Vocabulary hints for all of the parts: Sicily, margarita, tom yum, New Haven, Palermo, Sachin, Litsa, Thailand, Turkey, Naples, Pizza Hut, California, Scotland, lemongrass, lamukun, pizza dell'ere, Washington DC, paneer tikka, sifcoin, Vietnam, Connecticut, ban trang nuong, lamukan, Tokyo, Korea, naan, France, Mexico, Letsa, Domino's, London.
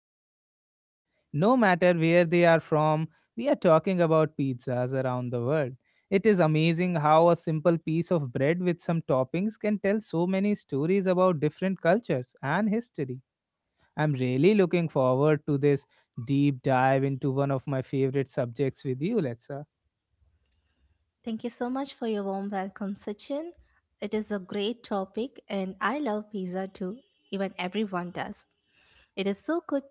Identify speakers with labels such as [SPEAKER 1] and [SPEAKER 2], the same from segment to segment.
[SPEAKER 1] together. No matter where they are from, we are talking about pizzas around the world. It is amazing how a simple piece of bread with some toppings can tell so many stories about different cultures and history. I'm really looking forward to this deep dive into one of my favorite subjects with you, Letsa.
[SPEAKER 2] Thank you so much for your warm welcome, Sachin. It is a great topic, and I love pizza too. Even everyone does. It is so good,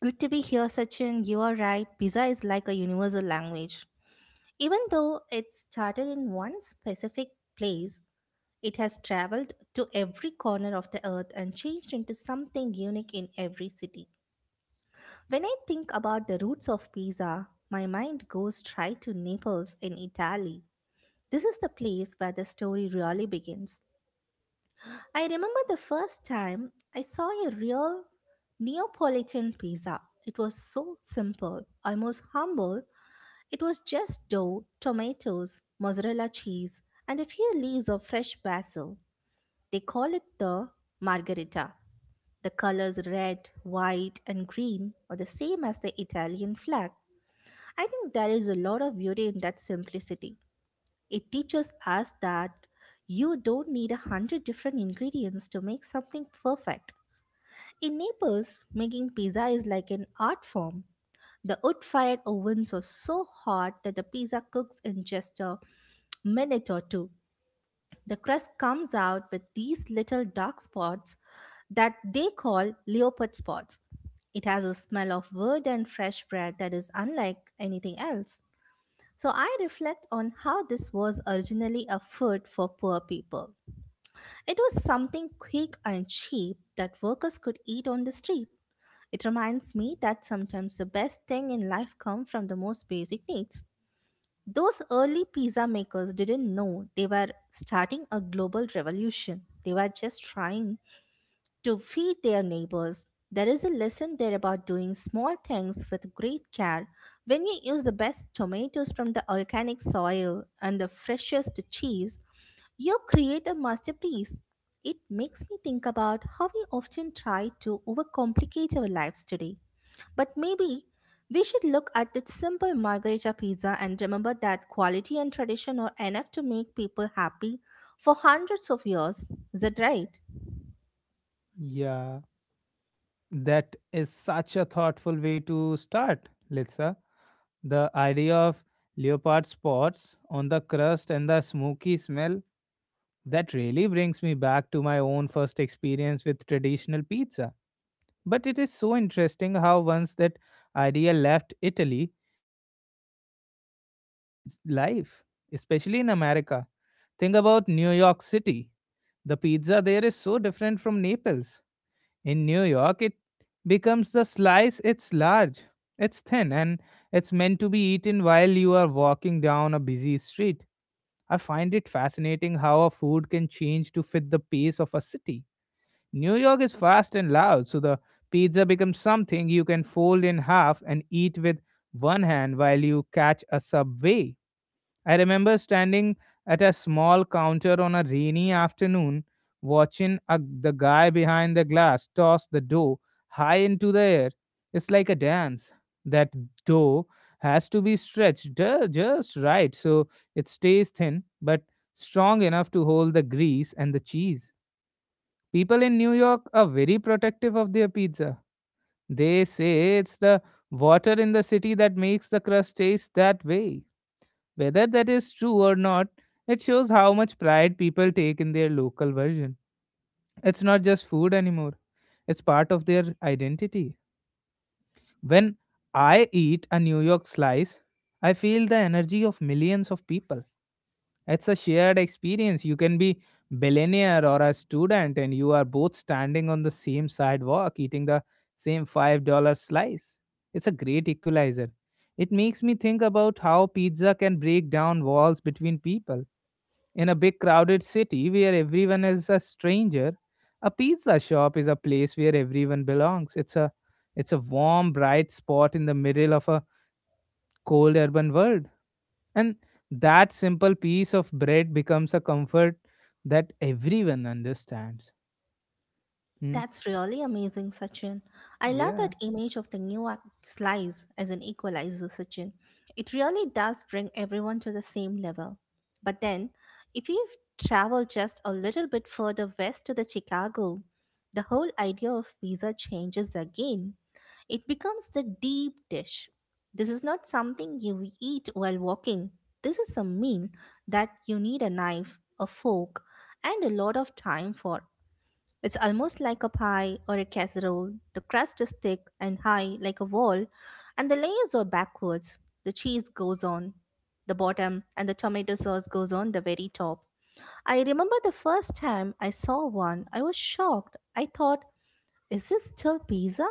[SPEAKER 2] good to be here, Sachin. You are right. Pizza is like a universal language. Even though it started in one specific place, it has traveled to every corner of the earth and changed into something unique in every city. When I think about the roots of pizza, my mind goes straight to Naples in Italy. This is the place where the story really begins. I remember the first time I saw a real Neapolitan pizza. It was so simple, almost humble. It was just dough, tomatoes, mozzarella cheese, and a few leaves of fresh basil. They call it the margherita. The colors red, white, and green are the same as the Italian flag. I think there is a lot of beauty in that simplicity. It teaches us that you don't need a hundred different ingredients to make something perfect. In Naples, making pizza is like an art form. The wood fired ovens are so hot that the pizza cooks in just a minute or two. The crust comes out with these little dark spots that they call leopard spots. It has a smell of wood and fresh bread that is unlike anything else. So I reflect on how this was originally a food for poor people. It was something quick and cheap that workers could eat on the street. It reminds me that sometimes the best thing in life comes from the most basic needs. Those early pizza makers didn't know they were starting a global revolution. They were just trying to feed their neighbors. There is a lesson there about doing small things with great care. When you use the best tomatoes from the organic soil and the freshest cheese, you create a masterpiece. It makes me think about how we often try to overcomplicate our lives today. But maybe we should look at the simple margarita pizza and remember that quality and tradition are enough to make people happy for hundreds of years. Is that right?
[SPEAKER 1] Yeah, that is such a thoughtful way to start, Litsa. The idea of leopard spots on the crust and the smoky smell that really brings me back to my own first experience with traditional pizza. But it is so interesting how once that idea left Italy, it took one whole new life, especially in America. Think about New York City. The pizza there is so different from Naples. In New York, it becomes the slice. It's large, it's thin, and it's meant to be eaten while you are walking down a busy street. I find it fascinating how a food can change to fit the pace of a city. New York is fast and loud, so the pizza becomes something you can fold in half and eat with one hand while you catch a subway. I remember standing at a small counter on a rainy afternoon, watching the guy behind the glass toss the dough high into the air. It's like a dance. That dough has to be stretched just right so it stays thin but strong enough to hold the grease and the cheese. People in New York are very protective of their pizza. They say it's the water in the city that makes the crust taste that way. Whether that is true or not, it shows how much pride people take in their local version. It's not just food anymore, it's part of their identity. When I eat a New York slice, I feel the energy of millions of people. It's a shared experience. You can be billionaire or a student and you are both standing on the same sidewalk eating the same $5 slice. It's a great equalizer. It makes me think about how pizza can break down walls between people. In a big crowded city where everyone is a stranger, a pizza shop is a place where everyone belongs. It's a warm bright spot in the middle of a cold urban world. And that simple piece of bread becomes a comfort that everyone understands. Hmm?
[SPEAKER 2] That's really amazing, Sachin. I love
[SPEAKER 1] Yeah,
[SPEAKER 2] that image of the slice as an equalizer, Sachin. It really does bring everyone to the same level. But then, if you travel just a little bit further west to the Chicago, the whole idea of pizza changes again. It becomes the deep dish. This is not something you eat while walking. This is a meal that you need a knife, a fork, and a lot of time for. It's almost like a pie or a casserole. The crust is thick and high like a wall, and the layers are backwards. The cheese goes on the bottom, and the tomato sauce goes on the very top. I remember the first time I saw one, I was shocked. I thought, is this still pizza?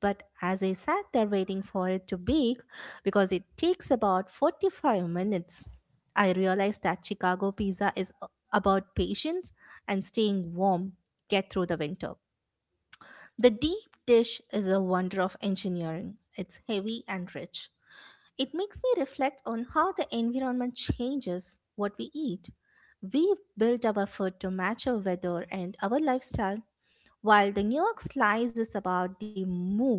[SPEAKER 2] But as I sat there waiting for it to bake, because it takes about 45 minutes, I realized that Chicago pizza is about patience and staying warm, get through the winter. The deep dish is a wonder of engineering. It's heavy and rich. It makes me reflect on how the environment changes what we eat. We build our food to match our weather and our lifestyle while the New York slice is about the move,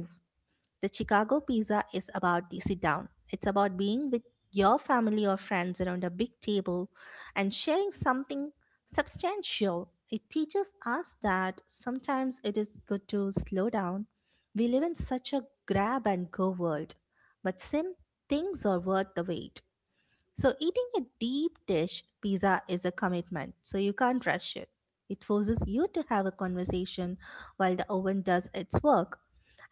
[SPEAKER 2] the Chicago pizza is about the sit down. It's about being with your family or friends around a big table and sharing something substantial. It teaches us that sometimes it is good to slow down. We live in such a grab and go world, but some things are worth the wait. So, eating a deep dish pizza is a commitment, so you can't rush it. It forces you to have a conversation while the oven does its work.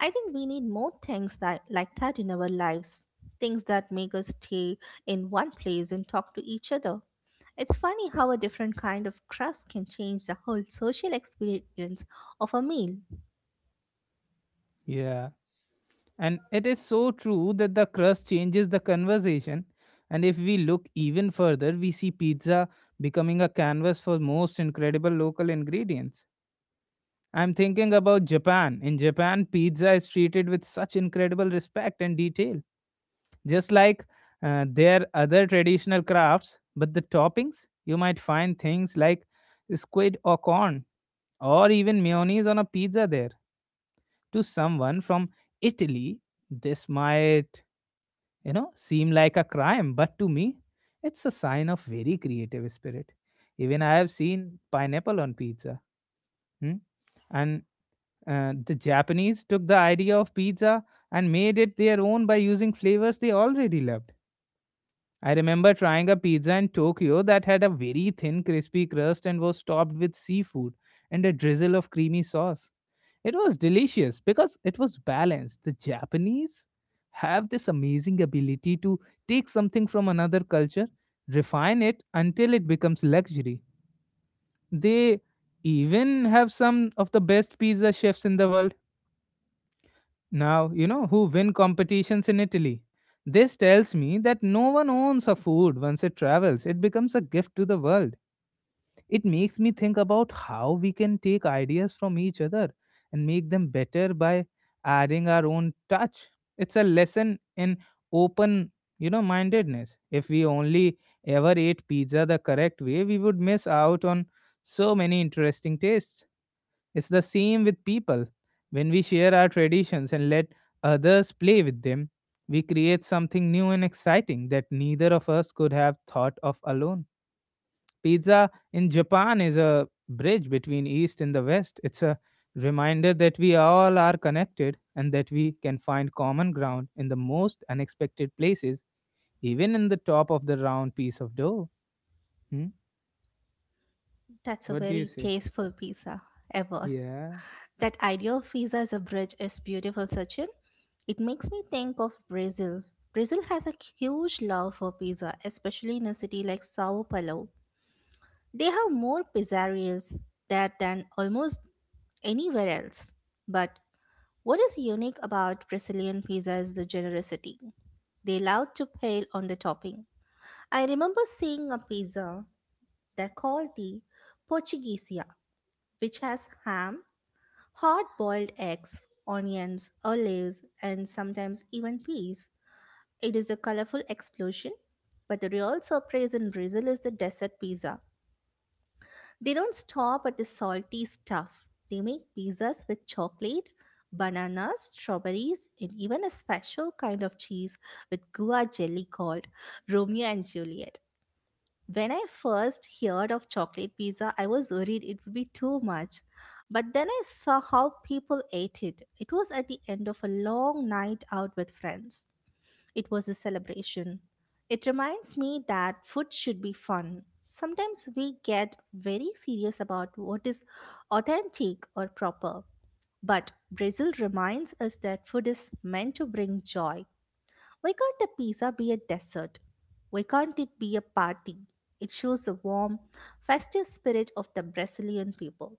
[SPEAKER 2] I think we need more things like that in our lives, things that make us stay in one place and talk to each other. It's funny how a different kind of crust can change the whole social experience of a meal.
[SPEAKER 1] yeah. And it is so true that the crust changes the conversation. And if we look even further, we see pizza becoming a canvas for most incredible local ingredients. I'm thinking about Japan. In Japan, pizza is treated with such incredible respect and detail just like their other traditional crafts. But the toppings, you might find things like squid or corn, or even mayonnaise on a pizza there. To someone from Italy, this might, you know, seem like a crime, but to me, it's a sign of very creative spirit. Even I have seen pineapple on pizza. Hmm? And the Japanese took the idea of pizza and made it their own by using flavors they already love. I remember trying a pizza in Tokyo that had a very thin, crispy crust and was topped with seafood and a drizzle of creamy sauce. It was delicious because it was balanced. The Japanese have this amazing ability to take something from another culture, refine it until it becomes luxury. They even have some of the best pizza chefs in the world. Now, you know who win competitions in Italy? This tells me that no one owns a food once it travels. It becomes a gift to the world. It makes me think about how we can take ideas from each other and make them better by adding our own touch. It's a lesson in open, you know, mindedness. If we only ever ate pizza the correct way, we would miss out on so many interesting tastes. It's the same with people. When we share our traditions and let others play with them, we create something new and exciting that neither of us could have thought of alone. Pizza in Japan is a bridge between East and the West. It's a reminder that we all are connected and that we can find common ground in the most unexpected places, even in the top of the round piece of dough. Hmm?
[SPEAKER 2] That's a
[SPEAKER 1] What do you
[SPEAKER 2] very
[SPEAKER 1] say?
[SPEAKER 2] tasteful pizza ever.
[SPEAKER 1] Yeah,
[SPEAKER 2] That idea of visa as a bridge is beautiful, Sachin. It makes me think of Brazil. Brazil has a huge love for pizza, especially in a city like Sao Paulo. They have more pizzerias there than almost anywhere else. But what is unique about Brazilian pizza is the generosity. They love to pile on the topping. I remember seeing a pizza that called the Portuguesia, which has ham, hard boiled eggs, onions, olives, and sometimes even peas. It is a colorful explosion, but the real surprise in Brazil is the dessert pizza. They don't stop at the salty stuff. They make pizzas with chocolate, bananas, strawberries, and even a special kind of cheese with gua jelly called Romeo and Juliet. When I first heard of chocolate pizza, I was worried it would be too much. But then I saw how people ate it. It was at the end of a long night out with friends. It was a celebration. It reminds me that food should be fun. Sometimes we get very serious about what is authentic or proper. But Brazil reminds us that food is meant to bring joy. Why can't a pizza be a dessert? Why can't it be a party? It shows the warm, festive spirit of the Brazilian people.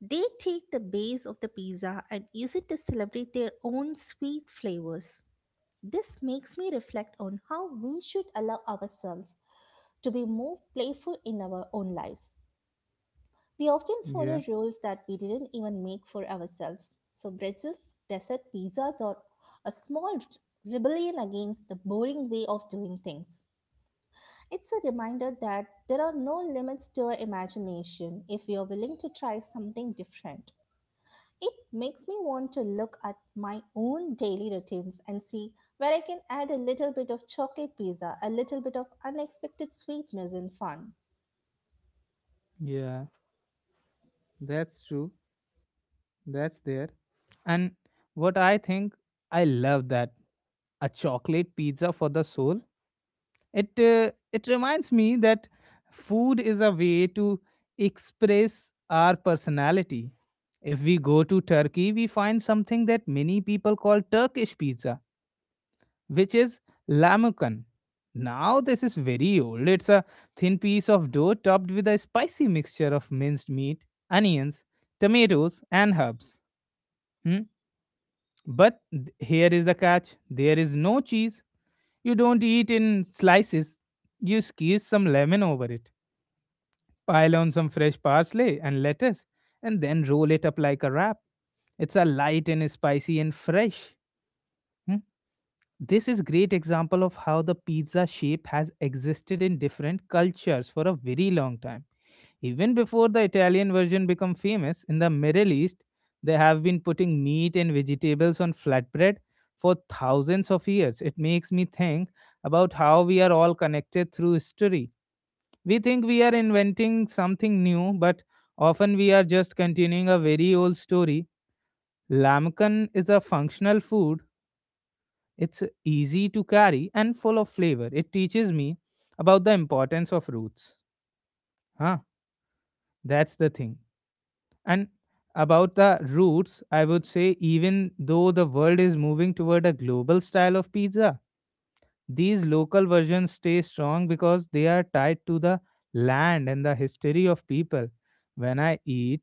[SPEAKER 2] They take the base of the pizza and use it to celebrate their own sweet flavors. This makes me reflect on how we should allow ourselves to be more playful in our own lives. We often
[SPEAKER 1] yeah,
[SPEAKER 2] follow rules that we didn't even make for ourselves. So, pretzels, dessert, pizzas are a small rebellion against the boring way of doing things. It's a reminder that there are no limits to our imagination if we are willing to try something different. It makes me want to look at my own daily routines and see where I can add a little bit of chocolate pizza, a little bit of unexpected sweetness and fun.
[SPEAKER 1] yeah, that's true. That's there. And what I think, I love that a chocolate pizza for the soul. It reminds me that food is a way to express our personality. If we go to Turkey, we find something that many people call Turkish pizza, which is lamukan. Now this is very old. It's a thin piece of dough topped with a spicy mixture of minced meat, onions, tomatoes, and herbs. Hmm? But here is the catch, there is no cheese. You don't eat in slices, you squeeze some lemon over it, pile on some fresh parsley and lettuce, and then roll it up like a wrap. It's a light and spicy and fresh. Hmm? This is great example of how the pizza shape has existed in different cultures for a very long time, even before the Italian version become famous. In the Middle East they have been putting meat and vegetables on flatbread for thousands of years. It makes me think about how we are all connected through history. We think we are inventing something new, but often we are just continuing a very old story. Lamkan is a functional food. It's easy to carry and full of flavor. It teaches me about the importance of roots. Huh? That's the thing. And about the roots, I would say even though the world is moving toward a global style of pizza, these local versions stay strong because they are tied to the land and the history of people. When I eat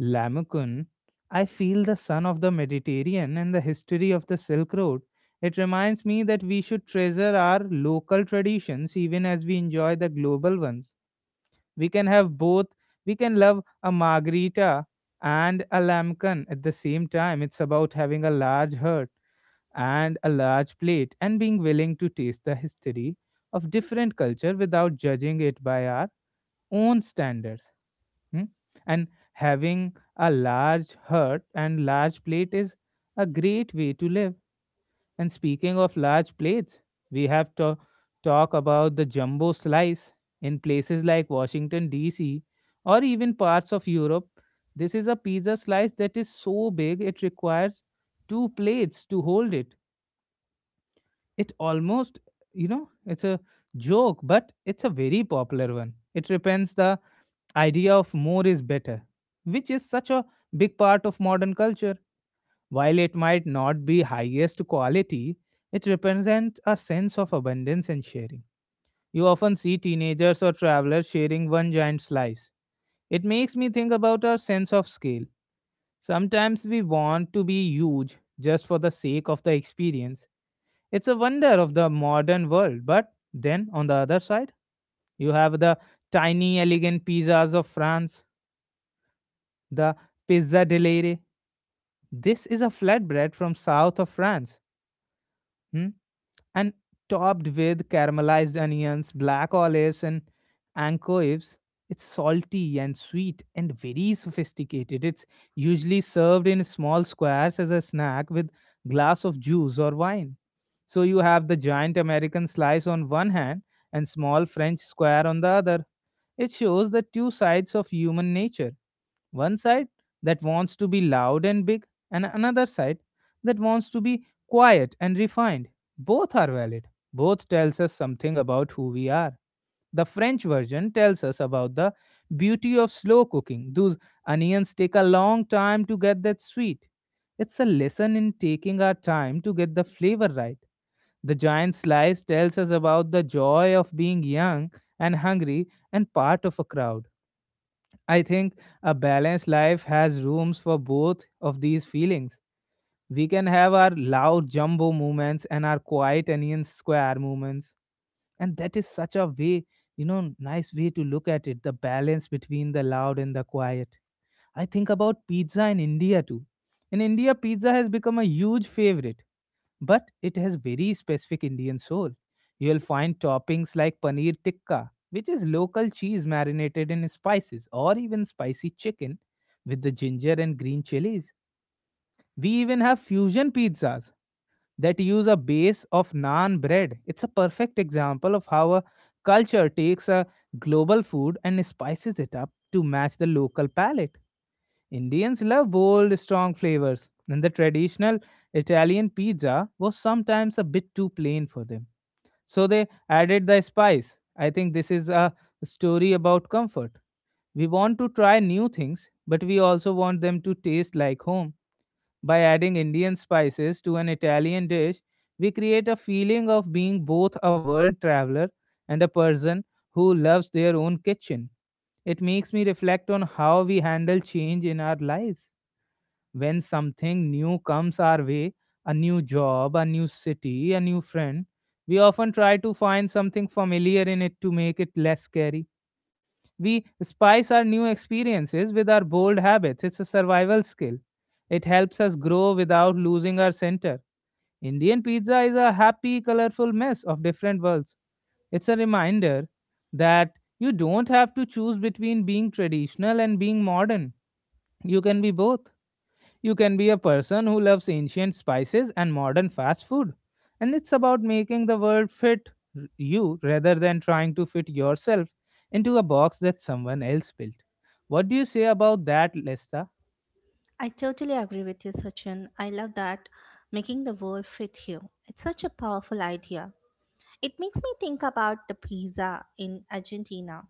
[SPEAKER 1] lamukun, I feel the sun of the Mediterranean and the history of the Silk Road. It reminds me that we should treasure our local traditions even as we enjoy the global ones. We can have both. We can love a margarita and a lamkan at the same time. It's about having a large heart and a large plate and being willing to taste the history of different culture without judging it by our own standards. Hmm? And having a large heart and large plate is a great way to live. And speaking of large plates, we have to talk about the jumbo slice in places like Washington DC or even parts of Europe. This is a pizza slice that is so big it requires two plates to hold it. It almost, you know, it's a joke, but it's a very popular one. It repents the idea of more is better, which is such a big part of modern culture. While it might not be highest quality, it represents a sense of abundance and sharing. You often see teenagers or travelers sharing one giant slice. It makes me think about our sense of scale. Sometimes we want to be huge just for the sake of the experience. It's a wonder of the modern world. But then on the other side, you have the tiny, elegant pizzas of France, the pizza dell'ere. This is a flatbread from south of France. Hmm? And topped with caramelized onions, black olives, and anchovies. It's salty and sweet and very sophisticated. It's usually served in small squares as a snack with glass of juice or wine. So you have the giant American slice on one hand and small French square on the other. It shows the two sides of human nature, one side that wants to be loud and big, and another side that wants to be quiet and refined. Both are valid. Both tells us something about who we are. The French version tells us about the beauty of slow cooking. Those onions take a long time to get that sweet. It's a lesson in taking our time to get the flavor right. The giant slice tells us about the joy of being young and hungry and part of a crowd. I think a balanced life has rooms for both of these feelings. We can have our loud jumbo movements and our quiet onion square movements. And that is such a way, you know, nice way to look at it, the balance between the loud and the quiet. I think about pizza in India too. In India, pizza has become a huge favorite but it has very specific Indian soul. You'll find toppings like paneer tikka, which is local cheese marinated in spices, or even spicy chicken with the ginger and green chilies. We even have fusion pizzas that use a base of naan bread. It's a perfect example of how a culture takes a global food and spices it up to match the local palate. Indians love bold, strong flavors, and the traditional Italian pizza was sometimes a bit too plain for them. So they added the spice. I think this is a story about comfort. We want to try new things, but we also want them to taste like home. By adding Indian spices to an Italian dish, we create a feeling of being both a world traveler and a person who loves their own kitchen. It makes me reflect on how we handle change in our lives. When something new comes our way, a new job, a new city, a new friend, we often try to find something familiar in it to make it less scary. We spice our new experiences with our bold habits. It's a survival skill. It helps us grow without losing our center. Indian pizza is a happy, colorful mess of different worlds. It's a reminder that you don't have to choose between being traditional and being modern. You can be both. You can be a person who loves ancient spices and modern fast food. And it's about making the world fit you rather than trying to fit yourself into a box that someone else built. What do you say about that, Lesta?
[SPEAKER 2] I totally agree with you, Sachin. I love that making the world fit you. It's such a powerful idea. It makes me think about the pizza in Argentina.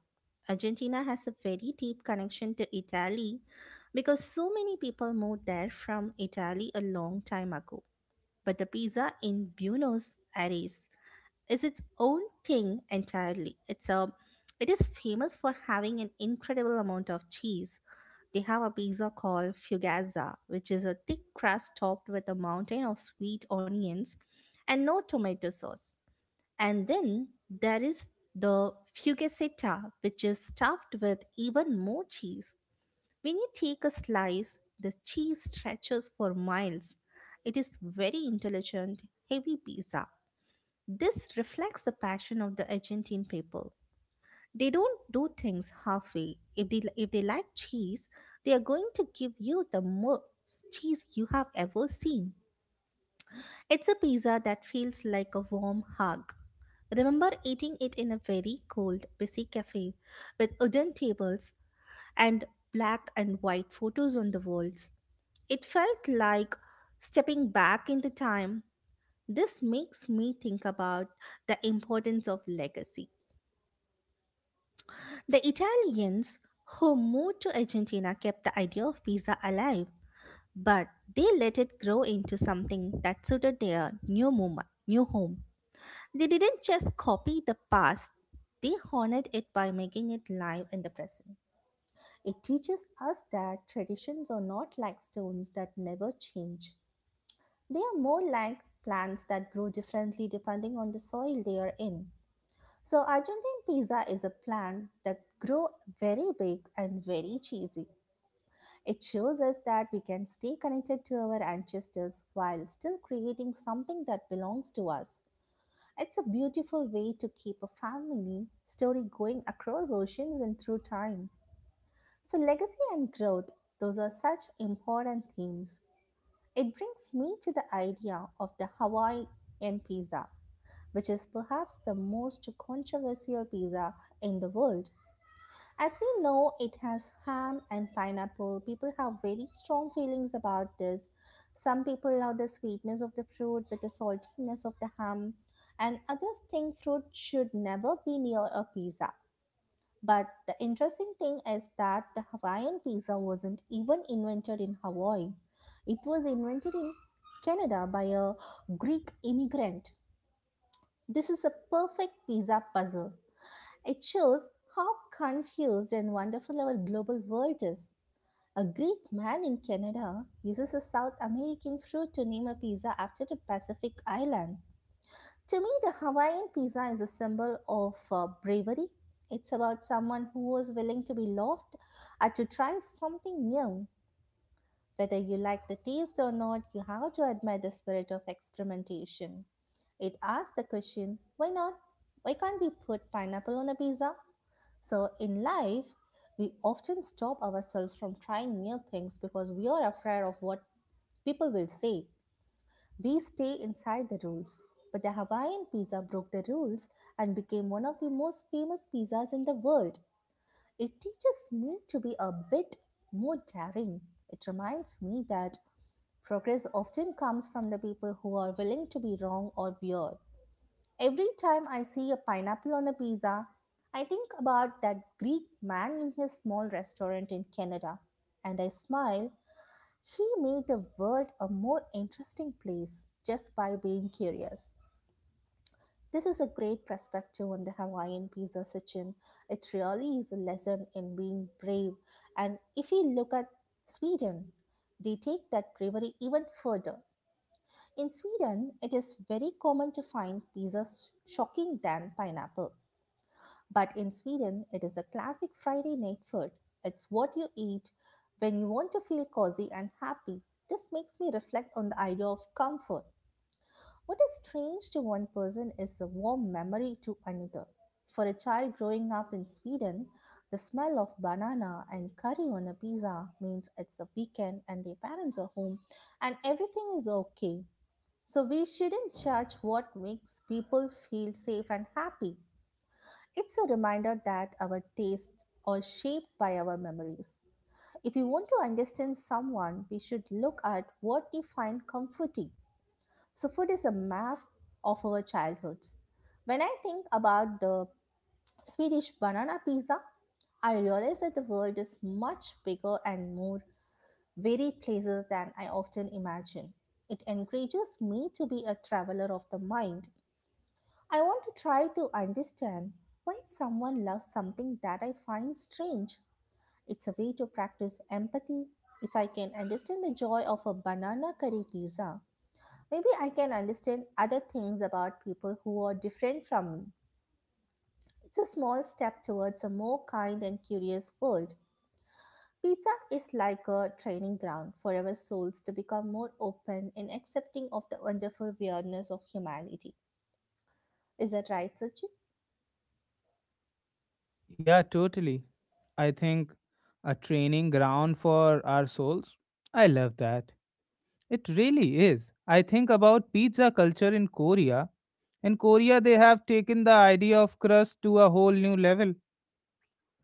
[SPEAKER 2] Argentina has a very deep connection to Italy because so many people moved there from Italy a long time ago. But the pizza in Buenos Aires is its own thing entirely. It is famous for having an incredible amount of cheese. They have a pizza called fugazza, which is a thick crust topped with a mountain of sweet onions and no tomato sauce. And then there is the fugazzetta, which is stuffed with even more cheese. When you take a slice, the cheese stretches for miles. It is very intelligent, heavy pizza. This reflects the passion of the Argentine people. They don't do things halfway. If they like cheese, they are going to give you the most cheese you have ever seen. It's a pizza that feels like a warm hug. Remember eating it in a very cold, busy cafe with wooden tables and black and white photos on the walls. It felt like stepping back in the time. This makes me think about the importance of legacy. The Italians who moved to Argentina kept the idea of pizza alive, but they let it grow into something that suited their new moment, new home. They didn't just copy the past, they honored it by making it live in the present. It teaches us that traditions are not like stones that never change. They are more like plants that grow differently depending on the soil they are in. So Argentine pizza is a plant that grow very big and very cheesy. It shows us that we can stay connected to our ancestors while still creating something that belongs to us. It's a beautiful way to keep a family story going across oceans and through time. So legacy and growth, those are such important themes. It brings me to the idea of the Hawaiian pizza, which is perhaps the most controversial pizza in the world. As we know, it has ham and pineapple. People have very strong feelings about this. Some people love the sweetness of the fruit with the saltiness of the ham, and others think fruit should never be near a pizza. But the interesting thing is that the Hawaiian pizza wasn't even invented in Hawaii. It was invented in Canada by a Greek immigrant. This is a perfect pizza puzzle. It shows how confused and wonderful our global world is. A Greek man in Canada uses a South American fruit to name a pizza after the Pacific island. To me, the Hawaiian pizza is a symbol of bravery. It's about someone who was willing to be loved and to try something new. Whether you like the taste or not, you have to admire the spirit of experimentation. It asks the question, why not? Why can't we put pineapple on a pizza? So, in life, we often stop ourselves from trying new things because we are afraid of what people will say. We stay inside the rules. But the Hawaiian pizza broke the rules and became one of the most famous pizzas in the world. It teaches me to be a bit more daring. It reminds me that progress often comes from the people who are willing to be wrong or weird. Every time I see a pineapple on a pizza, I think about that Greek man in his small restaurant in Canada and I smile. He made the world a more interesting place just by being curious. This is a great perspective on the Hawaiian pizza kitchen. It really is a lesson in being brave. And if we look at Sweden, they take that bravery even further. In Sweden, it is very common to find pizzas shocking than pineapple. But in Sweden, it is a classic Friday night food. It's what you eat when you want to feel cozy and happy. This makes me reflect on the idea of comfort. What is strange to one person is a warm memory to another. For a child growing up in Sweden, the smell of banana and curry on a pizza means it's a weekend and their parents are home and everything is okay. So we shouldn't judge what makes people feel safe and happy. It's a reminder that our tastes are shaped by our memories. If we want to understand someone, we should look at what we find comforting. So, food is a map of our childhoods. When I think about the Swedish banana pizza, I realize that the world is much bigger and more varied places than I often imagine. It encourages me to be a traveler of the mind. I want to try to understand why someone loves something that I find strange. It's a way to practice empathy. If I can understand the joy of a banana curry pizza, maybe I can understand other things about people who are different from me. It's a small step towards a more kind and curious world. Pizza is like a training ground for our souls to become more open and accepting of the wonderful weirdness of humanity. Is that right, Sachin?
[SPEAKER 1] Yeah, totally. I think a training ground for our souls. I love that. It really is. I think about pizza culture in Korea. In Korea, they have taken the idea of crust to a whole new level.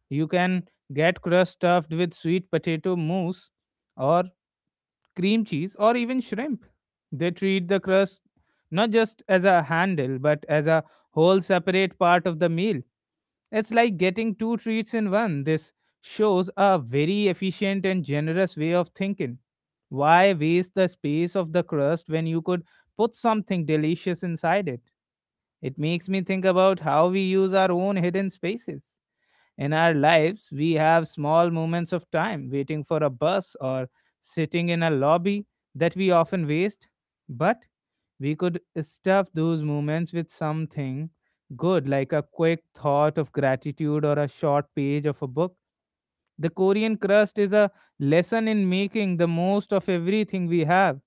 [SPEAKER 1] You can get crust stuffed with sweet potato mousse or cream cheese or even shrimp. They treat the crust not just as a handle but as a whole separate part of the meal. It's like getting two treats in one. This shows a very efficient and generous way of thinking. Why waste the space of the crust when you could put something delicious inside it? It makes me think about how we use our own hidden spaces. In our lives, we have small moments of time waiting for a bus or sitting in a lobby that we often waste, but we could stuff those moments with something good, like a quick thought of gratitude or a short page of a book. The Korean crust is a lesson in making the most of everything we have.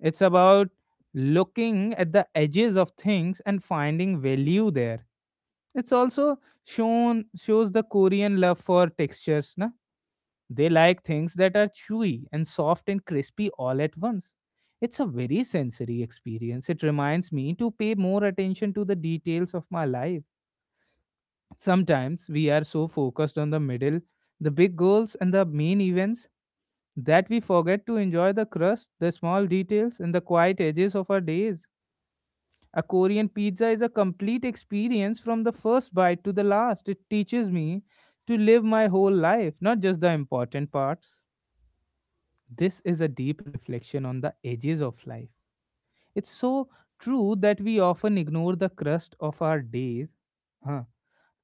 [SPEAKER 1] It's about looking at the edges of things and finding value there. It's also shown shows the Korean love for textures. Na? They like things that are chewy and soft and crispy all at once. It's a very sensory experience. It reminds me to pay more attention to the details of my life. Sometimes we are so focused on the middle, the big goals, and the main events that we forget to enjoy the crust, the small details, and the quiet edges of our days. A Korean pizza is a complete experience from the first bite to the last. It teaches me to live my whole life, not just the important parts. This is a deep reflection on the edges of life. It's so true that we often ignore the crust of our days. Huh.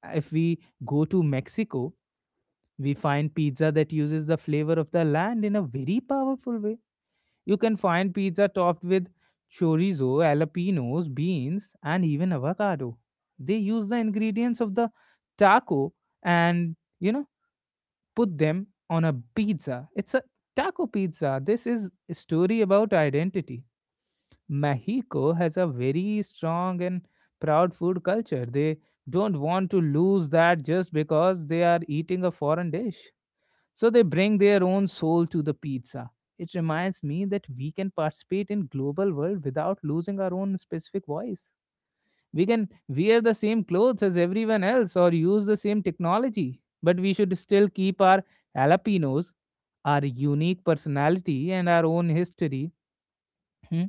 [SPEAKER 1] If we go to Mexico, we find pizza that uses the flavor of the land in a very powerful way. You can find pizza topped with chorizo, jalapenos, beans, and even avocado. They use the ingredients of the taco and put them on a pizza. It's a taco pizza. This is a story about identity. Mexico has a very strong and proud food culture. They don't want to lose that just because they are eating a foreign dish. So they bring their own soul to the pizza. It reminds me that we can participate in global world without losing our own specific voice. We can wear the same clothes as everyone else or use the same technology, but we should still keep our jalapenos, our unique personality and our own history. hmm,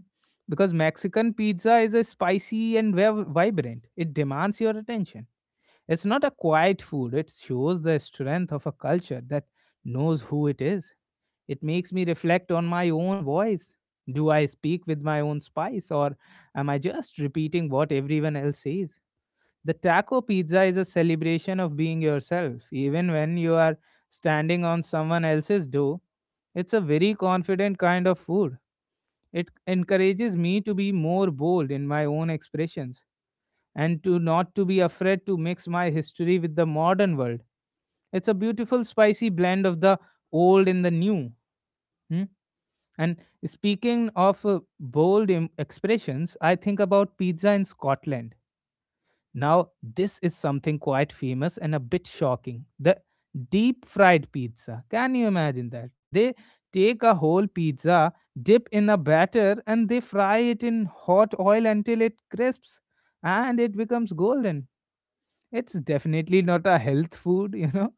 [SPEAKER 1] Because Mexican pizza is a spicy and vibrant. It demands your attention. It's not a quiet food. It shows the strength of a culture that knows who it is. It makes me reflect on my own voice. Do I speak with my own spice or am I just repeating what everyone else says? The taco pizza is a celebration of being yourself, even when you are standing on someone else's dough. It's a very confident kind of food. It encourages me to be more bold in my own expressions and to not to be afraid to mix my history with the modern world. It's a beautiful spicy blend of the old and the new. Hmm? And speaking of bold expressions, I think about pizza in Scotland. Now, this is something quite famous and a bit shocking. The deep fried pizza. Can you imagine that? They take a whole pizza, dip in a batter, and they fry it in hot oil until it crisps and it becomes golden. It's definitely not a health food, you know,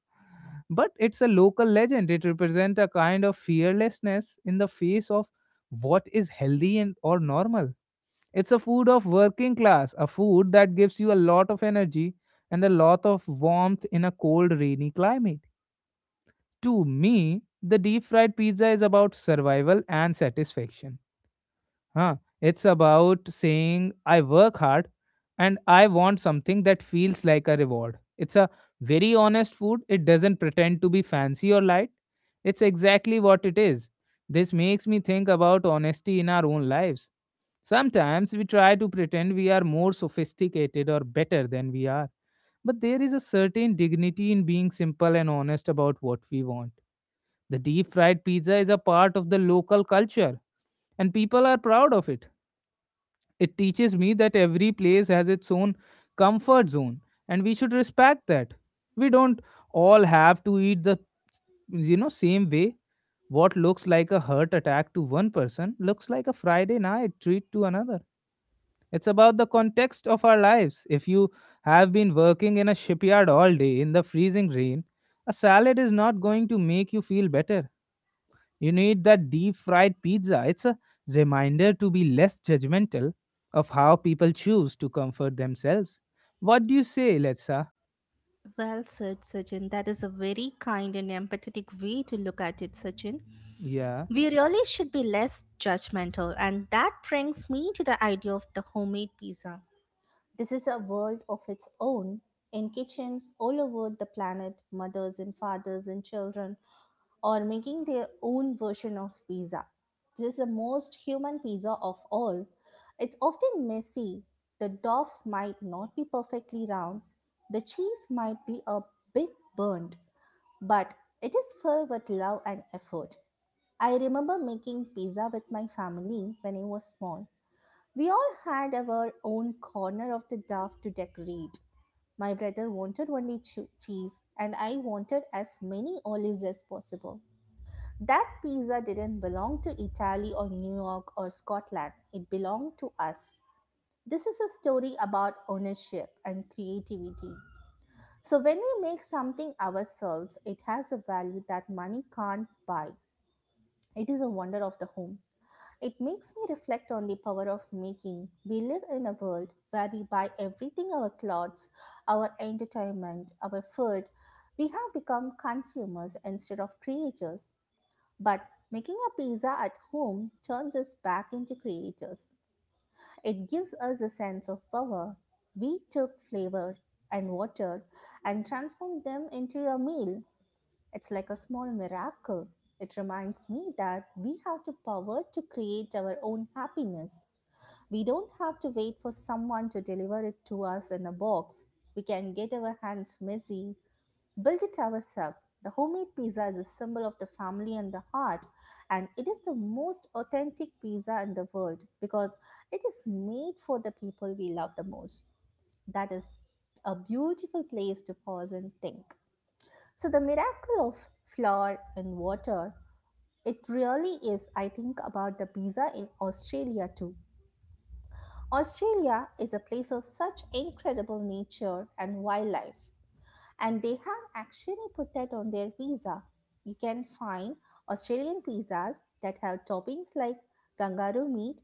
[SPEAKER 1] but it's a local legend. It represents a kind of fearlessness in the face of what is healthy and or normal. It's a food of working class, a food that gives you a lot of energy and a lot of warmth in a cold, rainy climate. To me, the deep fried pizza is about survival and satisfaction. Huh? It's about saying, I work hard and I want something that feels like a reward. It's a very honest food. It doesn't pretend to be fancy or light. It's exactly what it is. This makes me think about honesty in our own lives. Sometimes we try to pretend we are more sophisticated or better than we are. But there is a certain dignity in being simple and honest about what we want. The deep fried pizza is a part of the local culture, and people are proud of it. It teaches me that every place has its own comfort zone and we should respect that. We don't all have to eat the same way. What looks like a heart attack to one person looks like a Friday night treat to another. It's about the context of our lives. If you have been working in a shipyard all day in the freezing rain, a salad is not going to make you feel better. You need that deep fried pizza. It's a reminder to be less judgmental of how people choose to comfort themselves. What do you say, Letsa?
[SPEAKER 2] Well said, Sachin. That is a very kind and empathetic way to look at it, Sachin.
[SPEAKER 1] Yeah,
[SPEAKER 2] We really should be less judgmental, and that brings me to the idea of the homemade pizza. This is a world of its own. In kitchens all over the planet, mothers and fathers and children or making their own version of pizza. This is the most human pizza of all. It's often messy. The dough might not be perfectly round. The cheese might be a bit burnt, but it is filled with love and effort. I remember making pizza with my family when I was small. We all had our own corner of the dough to decorate. My brother wanted only cheese, and I wanted as many olives as possible. That pizza didn't belong to Italy or New York or Scotland. It belonged to us. This is a story about ownership and creativity. So, when we make something ourselves, it has a value that money can't buy. It is a wonder of the home. It makes me reflect on the power of making. We live in a world where we buy everything, our clothes, our entertainment, our food. We have become consumers instead of creators. But making a pizza at home turns us back into creators. It gives us a sense of power. We took flavor and water and transformed them into a meal. It's like a small miracle. It reminds me that we have the power to create our own happiness. We don't have to wait for someone to deliver it to us in a box. We can get our hands messy, built it ourselves. The homemade pizza is a symbol of the family and the heart, and it is the most authentic pizza in the world because it is made for the people we love the most. That is a beautiful place to pause and think. So, the miracle of flour and water, it really is, I think, about the pizza in Australia too. Australia is a place of such incredible nature and wildlife and they have actually put that on their pizza. You can find Australian pizzas that have toppings like kangaroo meat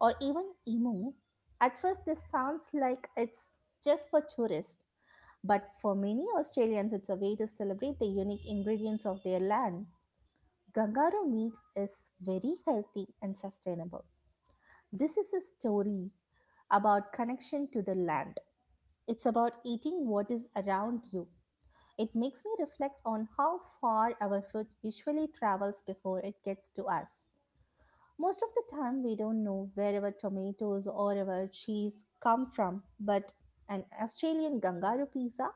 [SPEAKER 2] or even emu. At first, this sounds like it's just for tourists, but for many Australians, it's a way to celebrate the unique ingredients of their land. Kangaroo meat is very healthy and sustainable. This is a story about connection to the land. It's about eating what is around you. It makes me reflect on how far our food usually travels before it gets to us. Most of the time, we don't know where our tomatoes or our cheese come from, but an Australian Gangaru pizza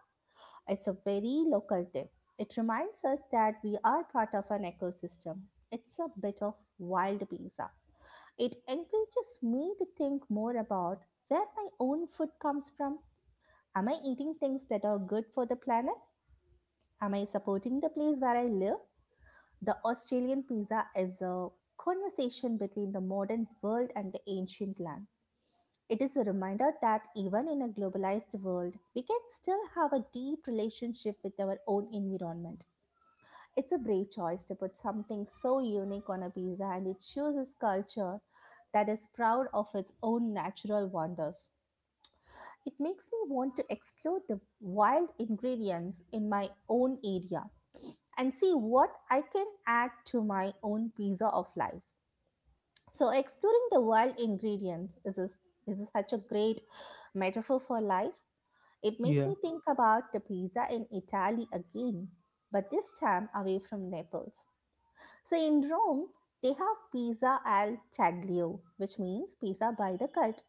[SPEAKER 2] is a very local dip. It reminds us that we are part of an ecosystem. It's a bit of wild pizza. It encourages me to think more about where my own food comes from. Am I eating things that are good for the planet? Am I supporting the place where I live? The Australian pizza is a conversation between the modern world and the ancient land. It is a reminder that even in a globalized world, we can still have a deep relationship with our own environment. It's a brave choice to put something so unique on a pizza and it shows a culture that is proud of its own natural wonders. It makes me want to explore the wild ingredients in my own area and see what I can add to my own pizza of life. So, exploring the wild ingredients is such a great metaphor for life. It makes
[SPEAKER 1] yeah,
[SPEAKER 2] me think about the pizza in Italy again, but this time away from Naples. So, in Rome, they have pizza al taglio, which means pizza by the cut.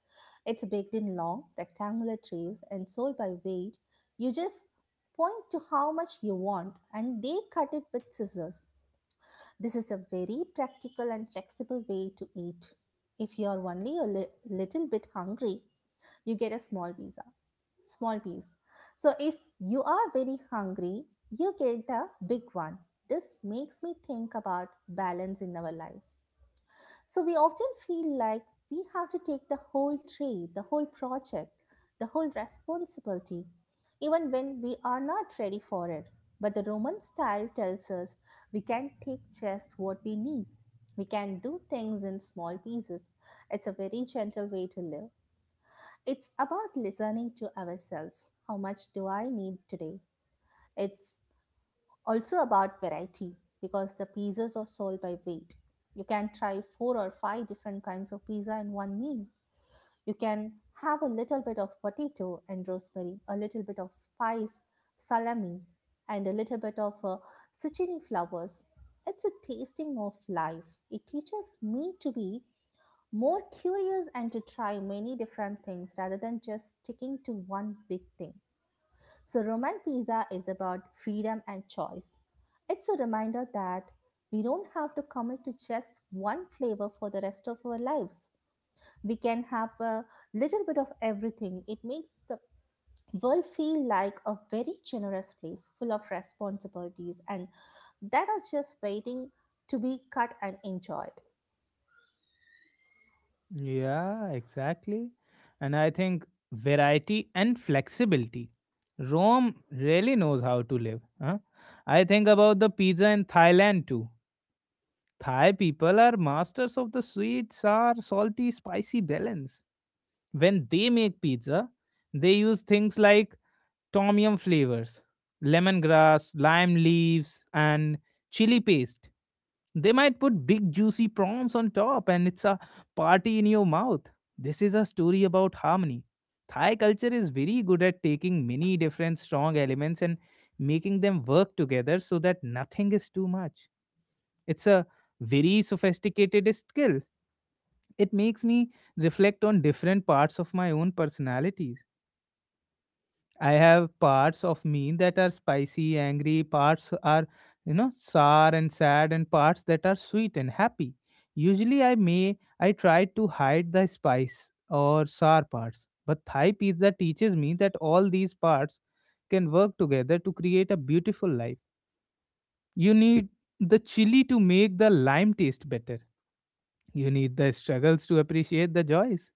[SPEAKER 2] It's baked in long, rectangular trays and sold by weight. You just point to how much you want, and they cut it with scissors. This is a very practical and flexible way to eat. If you're only a little bit hungry, you get a small pizza, small piece. So if you are very hungry, you get the big one. This makes me think about balance in our lives. So we often feel like we have to take the whole tree, the whole project, the whole responsibility, even when we are not ready for it. But the Roman style tells us we can take just what we need. We can do things in small pieces. It's a very gentle way to live. It's about listening to ourselves. How much do I need today? It's also about variety because the pizzas are sold by weight. You can try four or five different kinds of pizza in one meal. You can have a little bit of potato and rosemary, a little bit of spice, salami, and a little bit of zucchini flowers. It's a tasting of life. It teaches me to be more curious and to try many different things rather than just sticking to one big thing. So, Roman pizza is about freedom and choice. It's a reminder that we don't have to commit to just one flavor for the rest of our lives. We can have a little bit of everything. It makes the world feel like a very generous place full of responsibilities and that are just waiting to be cut and enjoyed.
[SPEAKER 1] yeah, exactly. And I think variety and flexibility. Rome really knows how to live. Huh? I think about the pizza in Thailand too. Thai people are masters of the sweet, sour, salty, spicy balance. When they make pizza, they use things like tom yum flavors, lemongrass, lime leaves, and chili paste. They might put big juicy prawns on top, and it's a party in your mouth. This is a story about harmony. Thai culture is very good at taking many different strong elements and making them work together so that nothing is too much. It's a very sophisticated skill. It makes me reflect on different parts of my own personality. I have parts of me that are spicy, angry, parts are sour and sad, and parts that are sweet and happy. Usually, I try to hide the spice or sour parts, but Thai pizza teaches me that all these parts can work together to create a beautiful life. You need the chili to make the lime taste better. You need the struggles to appreciate the joys.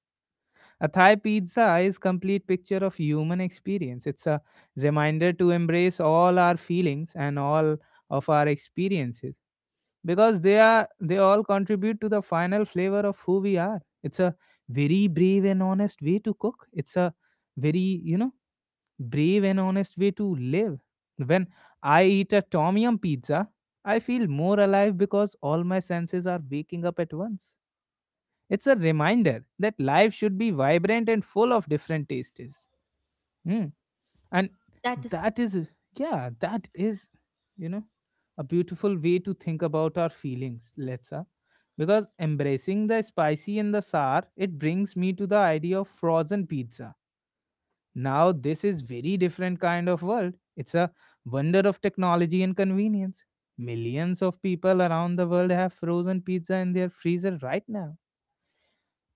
[SPEAKER 1] A Thai pizza is complete picture of human experience. It's a reminder to embrace all our feelings and all of our experiences because they all contribute to the final flavor of who we are. It's a very brave and honest way to cook. It's a very brave and honest way to live. When I eat a tom yum pizza, I feel more alive because all my senses are waking up at once. It's a reminder that life should be vibrant and full of different tastes. Mm. And
[SPEAKER 2] That is,
[SPEAKER 1] that is, yeah, that is, you know, a beautiful way to think about our feelings, Letsa. Because embracing the spicy and the sour, it brings me to the idea of frozen pizza. Now this is very different kind of world. It's a wonder of technology and convenience. Millions of people around the world have frozen pizza in their freezer right now.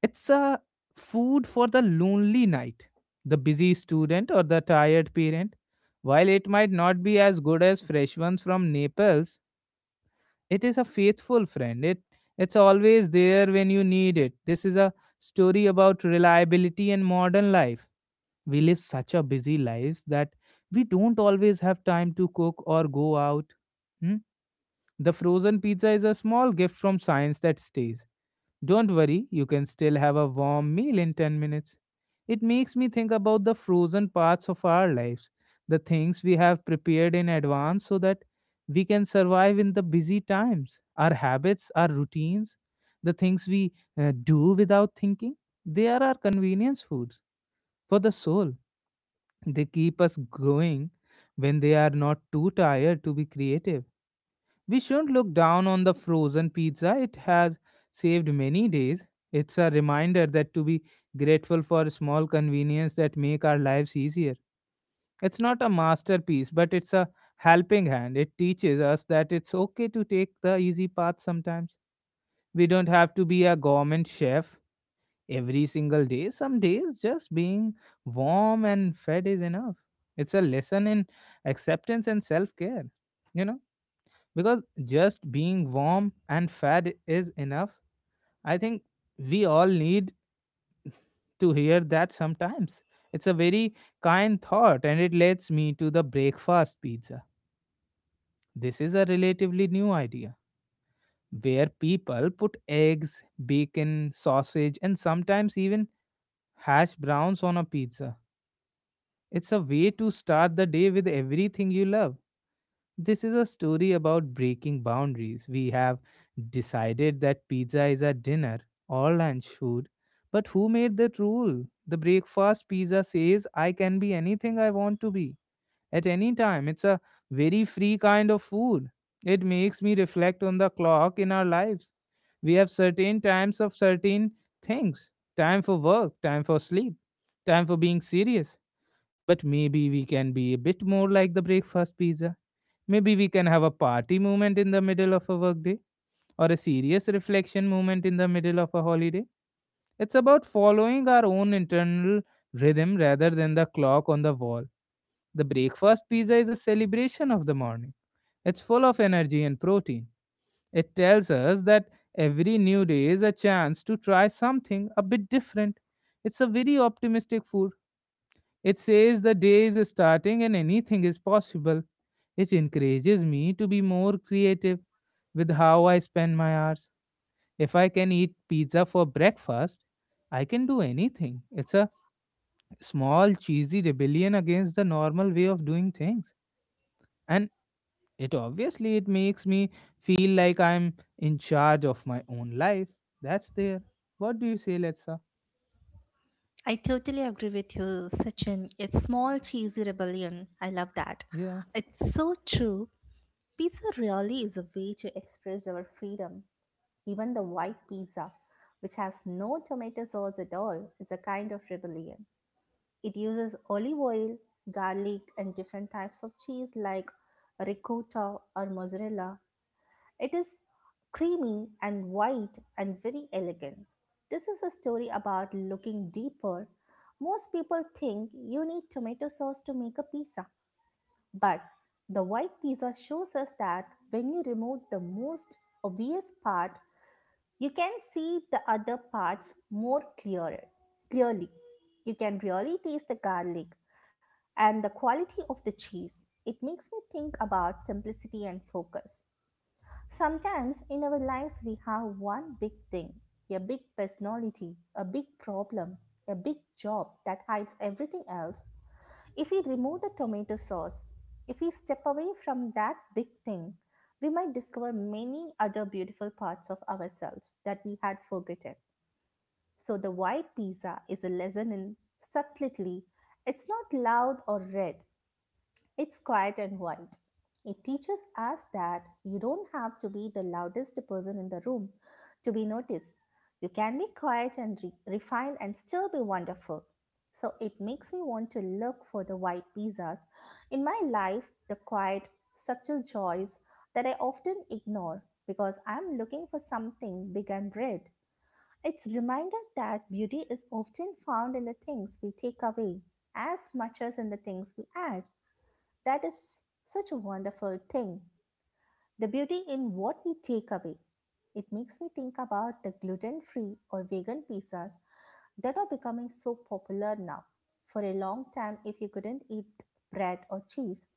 [SPEAKER 1] It's a food for the lonely night, the busy student, or the tired parent. While it might not be as good as fresh ones from Naples, it is a faithful friend. It's always there when you need it. This is a story about reliability and modern life. We live such a busy lives that we don't always have time to cook or go out. Hmm? The frozen pizza is a small gift from science that stays. Don't worry, you can still have a warm meal in 10 minutes. It makes me think about the frozen parts of our lives, the things we have prepared in advance so that we can survive in the busy times, our habits, our routines, the things we do without thinking. They are our convenience foods for the soul. They keep us going when they are not too tired to be creative. We shouldn't look down on the frozen pizza. It has saved many days. It's a reminder that to be grateful for small convenience that make our lives easier. It's not a masterpiece, but it's a helping hand. It teaches us that it's okay to take the easy path sometimes. We don't have to be a government chef every single day. Some days just being warm and fed is enough. It's a lesson in acceptance and self-care you know because just being warm and fed is enough. I think we all need to hear that sometimes. It's a very kind thought, and it leads me to the breakfast pizza. This is a relatively new idea where people put eggs, bacon, sausage, and sometimes even hash browns on a pizza. It's a way to start the day with everything you love. This is a story about breaking boundaries. We have decided that pizza is a dinner or lunch food, but who made that rule? The breakfast pizza says I can be anything I want to be at any time. It's a very free kind of food. It makes me reflect on the clock in our lives. We have certain times of certain things: time for work, time for sleep, time for being serious. But maybe we can be a bit more like the breakfast pizza. Maybe we can have a party moment in the middle of a workday or a serious reflection moment in the middle of a holiday. It's about following our own internal rhythm rather than the clock on the wall. The breakfast pizza is a celebration of the morning. It's full of energy and protein. It tells us that every new day is a chance to try something a bit different. It's a very optimistic food. It says the day is starting and anything is possible. It encourages me to be more creative with how I spend my hours. If I can eat pizza for breakfast, I can do anything. It's a small cheesy rebellion against the normal way of doing things. And it obviously it makes me feel like I'm in charge of my own life. That's there. What do you say, Letsa?
[SPEAKER 2] I totally agree with you, Sachin. It's small, cheesy rebellion. I love that.
[SPEAKER 1] Yeah,
[SPEAKER 2] It's so true. Pizza really is a way to express our freedom. Even the white pizza, which has no tomato sauce at all, is a kind of rebellion. It uses olive oil, garlic, and different types of cheese like ricotta or mozzarella. It is creamy and white and very elegant. This is a story about looking deeper. Most people think you need tomato sauce to make a pizza, but the white pizza shows us that when you remove the most obvious part, you can see the other parts more clearer. Clearly, you can really taste the garlic and the quality of the cheese. It makes me think about simplicity and focus. Sometimes in our lives, we have one big thing, a big personality, a big problem, a big job that hides everything else. If we remove the tomato sauce, if we step away from that big thing, we might discover many other beautiful parts of ourselves that we had forgotten. So, the white pizza is a lesson in subtlety. It's not loud or red, it's quiet and white. It teaches us that you don't have to be the loudest person in the room to be noticed. You can be quiet and refined and still be wonderful. So it makes me want to look for the white pizzas in my life, the quiet, subtle joys that I often ignore because I'm looking for something big and red. It's a reminder that beauty is often found in the things we take away as much as in the things we add. That is such a wonderful thing. The beauty in what we take away. It makes me think about the gluten free or vegan pizzas that are becoming so popular now. For a long time, if you couldn't eat bread or cheese,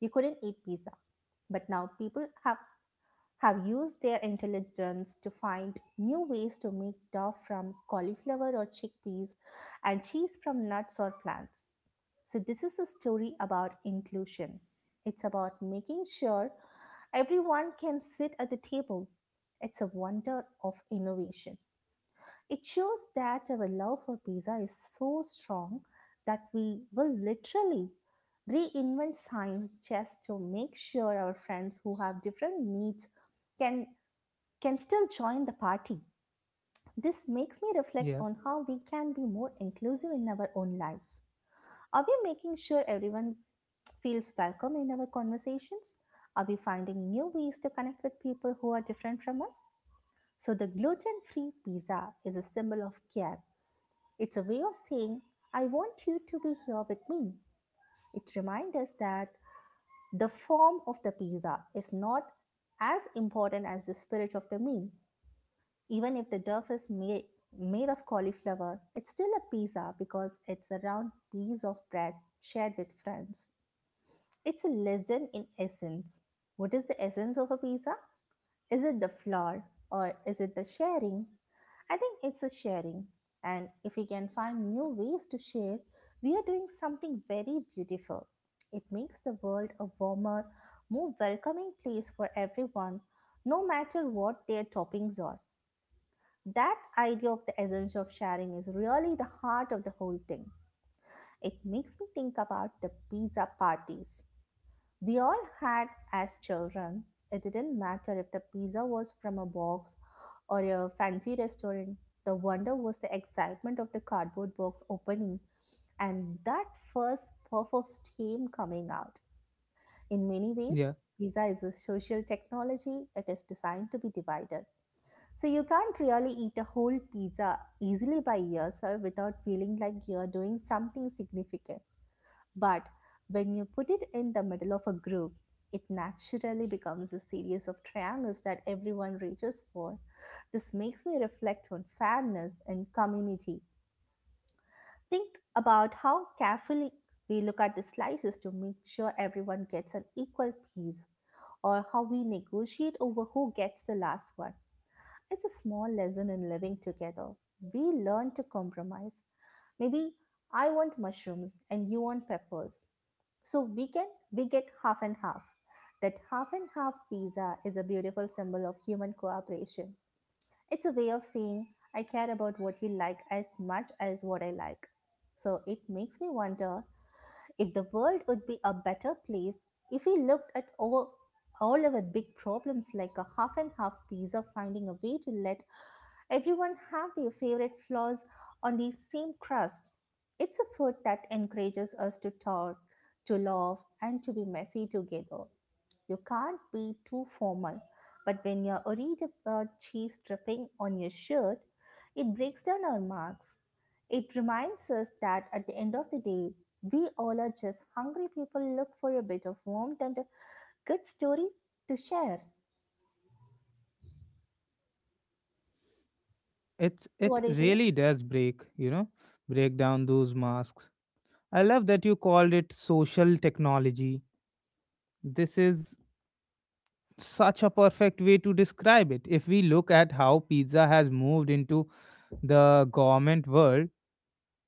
[SPEAKER 2] you couldn't eat pizza. But now people have used their intelligence to find new ways to make dough from cauliflower or chickpeas and cheese from nuts or plants. So, this is a story about inclusion. It's about making sure everyone can sit at the table. It's a wonder of innovation. It shows that our love for pizza is so strong that we will literally reinvent science just to make sure our friends who have different needs can can still join the party. This makes me reflect
[SPEAKER 1] yeah,
[SPEAKER 2] on how we can be more inclusive in our own lives. Are we making sure everyone feels welcome in our conversations? Are we finding new ways to connect with people who are different from us? So, the gluten free pizza is a symbol of care. It's a way of saying, I want you to be here with me. It reminds us that the form of the pizza is not as important as the spirit of the meal. Even if the dough is made of cauliflower, it's still a pizza because it's a round piece of bread shared with friends. It's a lesson in essence. What is the essence of a pizza? Is it the flour or is it the sharing? I think it's a sharing. And if we can find new ways to share, we are doing something very beautiful. It makes the world a warmer, more welcoming place for everyone, no matter what their toppings are. That idea of the essence of sharing is really the heart of the whole thing. It makes me think about the pizza parties we all had as children. It didn't matter if the pizza was from a box or a fancy restaurant. The wonder was the excitement of the cardboard box opening and that first puff of steam coming out. In many ways,
[SPEAKER 1] yeah.
[SPEAKER 2] pizza is a social technology, it is designed to be divided. So you can't really eat a whole pizza easily by yourself without feeling like you're doing something significant. But when you put it in the middle of a group, it naturally becomes a series of triangles that everyone reaches for. This makes me reflect on fairness and community. Think about how carefully we look at the slices to make sure everyone gets an equal piece, or how we negotiate over who gets the last one. It's a small lesson in living together. We learn to compromise. Maybe I want mushrooms and you want peppers. So we get half and half. That half and half pizza is a beautiful symbol of human cooperation. It's a way of saying I care about what you like as much as what I like. So it makes me wonder if the world would be a better place if we looked at over all our big problems like a half and half pizza finding a way to let everyone have their favorite flaws on the same crust. It's a food that encourages us to talk, to laugh, and to be messy together. You can't be too formal, but when you're worried about cheese dripping on your shirt, it breaks down our marks. It reminds us that at the end of the day, we all are just hungry people look for a bit of warmth and a good story to share.
[SPEAKER 1] It's
[SPEAKER 2] So, what
[SPEAKER 1] it
[SPEAKER 2] do you think?
[SPEAKER 1] really does break, you know, break down those masks. I love that you called it social technology. This is such a perfect way to describe it. If we look at how pizza has moved into the government world,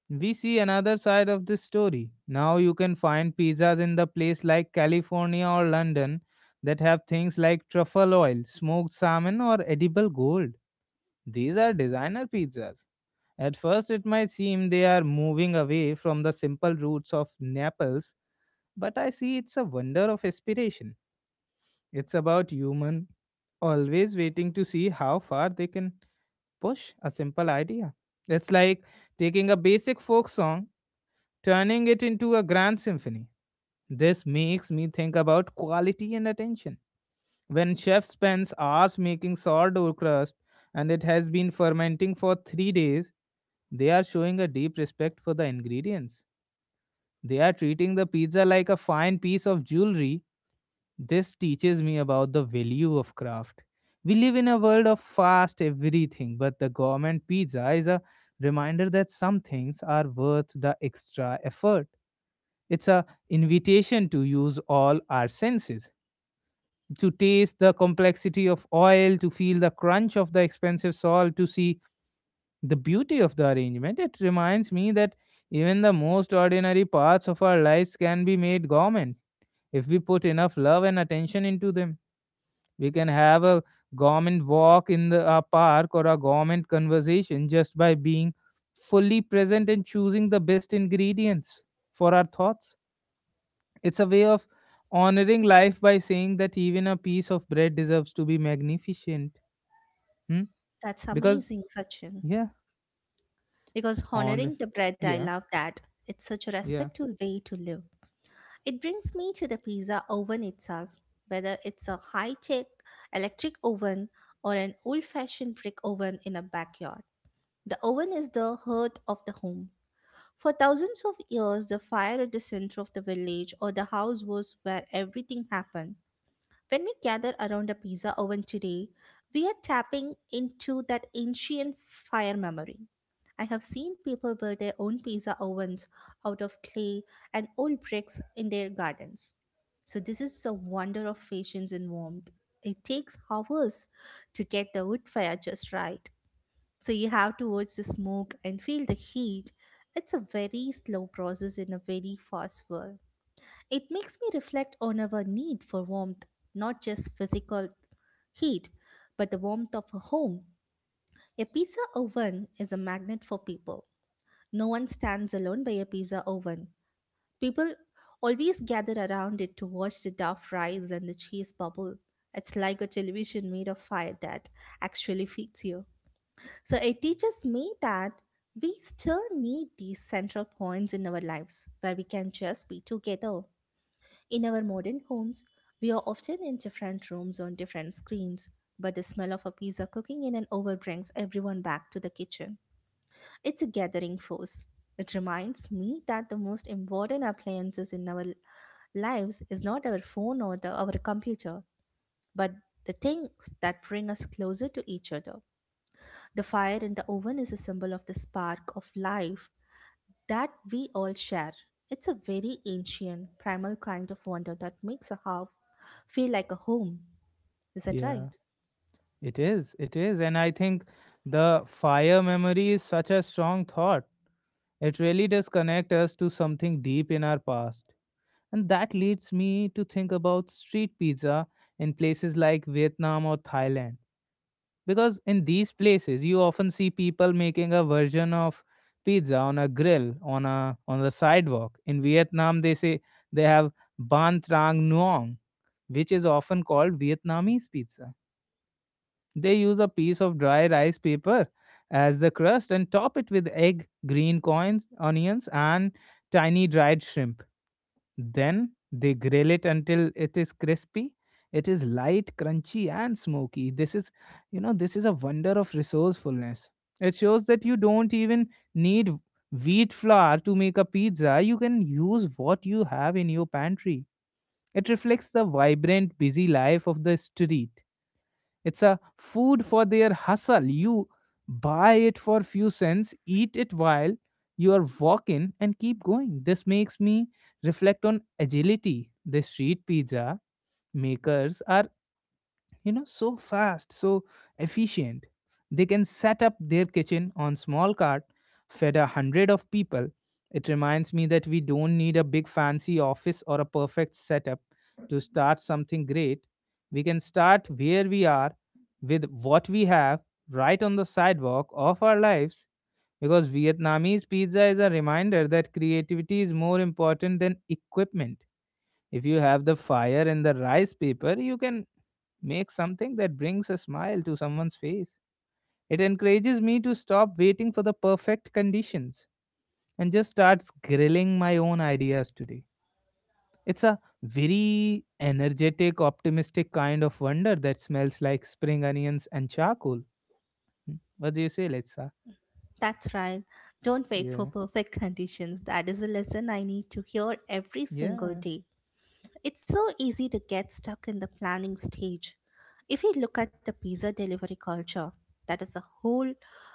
[SPEAKER 1] we see another side of this story. Now you can find pizzas in the place like California or London that have things like truffle oil, smoked salmon or edible gold. These are designer pizzas. At first, it might seem they are moving away from the simple roots of Naples, but I see it's a wonder of aspiration. It's about human always waiting to see how far they can push a simple idea. It's like taking a basic folk song, turning it into a grand symphony. This makes me think about quality and attention. When chef spends hours making sourdough crust and it has been fermenting for 3 days, they are showing a deep respect for the ingredients. They are treating the pizza like a fine piece of jewelry. This teaches me about the value of craft. We live in a world of fast everything, but the government pizza is a reminder that some things are worth the extra effort. It's a invitation to use all our senses, to taste the complexity of oil, to feel the crunch of the expensive salt, to see the beauty of the arrangement. It reminds me that even the most ordinary parts of our lives can be made government if we put enough love and attention into them. We can have a government walk in the a park or a government conversation just by being fully present and choosing the best ingredients for our thoughts. It's a way of honoring life by saying that even a piece of bread deserves to be magnificent. Hmm?
[SPEAKER 2] That's
[SPEAKER 1] Because
[SPEAKER 2] amazing, Sachin.
[SPEAKER 1] yeah,
[SPEAKER 2] Because
[SPEAKER 1] on
[SPEAKER 2] honoring the bread, I
[SPEAKER 1] yeah,
[SPEAKER 2] love that. It's such a
[SPEAKER 1] yeah,
[SPEAKER 2] respectful way to live. It brings me to the pizza oven itself, whether it's a high-tech electric oven or an old-fashioned brick oven in a backyard. The oven is the heart of the home. For thousands of years, the fire at the center of the village or the house was where everything happened. When we gather around a pizza oven today, we are tapping into that ancient fire memory. I have seen people build their own pizza ovens out of clay and old bricks in their gardens. So, this is a wonder of patience and warmth. It takes hours to get the wood fire just right. So, you have to watch the smoke and feel the heat. It's a very slow process in a very fast world. It makes me reflect on our need for warmth, not just physical heat, but the warmth of a home. A pizza oven is a magnet for people. No one stands alone by a pizza oven. People always gather around it to watch the dough rise and the cheese bubble. It's like a television made of fire that actually feeds you. So it teaches me that we still need these central points in our lives where we can just be together. In our modern homes, we are often in different rooms on different screens, but the smell of a pizza cooking in an oven brings everyone back to the kitchen. It's a gathering force. It reminds me that the most important appliances in our lives is not our phone or our computer, but the things that bring us closer to each other. The fire in the oven is a symbol of the spark of life that we all share. It's a very ancient, primal kind of wonder that makes a house feel like a home. Is that
[SPEAKER 1] yeah.
[SPEAKER 2] right?
[SPEAKER 1] It is, it is. And I think the fire memory is such a strong thought. It really does connect us to something deep in our past. And that leads me to think about street pizza in places like Vietnam or Thailand. Because in these places, you often see people making a version of pizza on a grill, on a on the sidewalk. In Vietnam, they say they have ban trang nuong, which is often called Vietnamese pizza. They use a piece of dry rice paper as the crust and top it with egg, green coins, onions, and tiny dried shrimp. Then they grill it until it is crispy. It is light, crunchy, and smoky. This is, you know, this is a wonder of resourcefulness. It shows that you don't even need wheat flour to make a pizza. You can use what you have in your pantry. It reflects the vibrant, busy life of the street. It's a food for their hustle. You buy it for few cents, eat it while you are walking, and keep going. This makes me reflect on agility. The street pizza makers are, you know, so fast, so efficient. They can set up their kitchen on small cart, fed a hundred of people. It reminds me that we don't need a big fancy office or a perfect setup to start something great. We can start where we are with what we have, right on the sidewalk of our lives, because Vietnamese pizza is a reminder that creativity is more important than equipment. If you have the fire and the rice paper, you can make something that brings a smile to someone's face. It encourages me to stop waiting for the perfect conditions and just starts grilling my own ideas today. It's a very energetic, optimistic kind of wonder that smells like spring onions and charcoal. Hmm. What do you say, Letsa?
[SPEAKER 2] That's right. Don't wait for
[SPEAKER 1] Yeah,
[SPEAKER 2] perfect conditions. That is a lesson I need to hear every single
[SPEAKER 1] yeah,
[SPEAKER 2] day. It's so easy to get stuck in the planning stage. If you look at the pizza delivery culture, that is a whole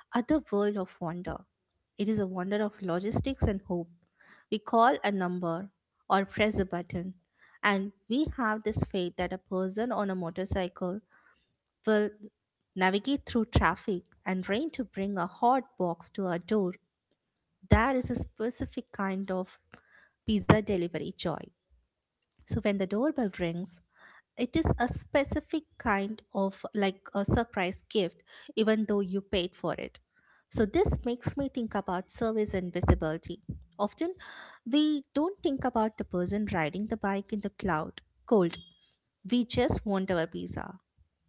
[SPEAKER 2] other world of wonder. It is a wonder of logistics and hope. We call a number or press a button, and we have this faith that a person on a motorcycle will navigate through traffic and rain to bring a hot box to our door. There is a specific kind of pizza delivery joy. So when the doorbell rings, it is a specific kind of like a surprise gift even though you paid for it. So this makes me think about service and visibility. Often we don't think about the person riding the bike in the cloud cold, we just want our pizza,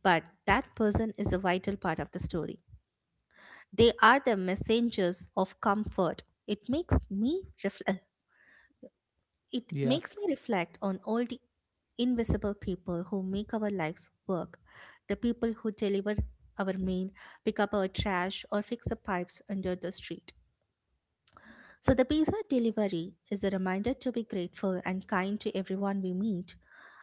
[SPEAKER 2] but that person is a vital part of the story. They are the messengers of comfort. It
[SPEAKER 1] yeah,
[SPEAKER 2] makes me reflect on all the invisible people who make our lives work, the people who deliver our mail, pick up our trash, or fix the pipes under the street. So, the pizza delivery is a reminder to be grateful and kind to everyone we meet.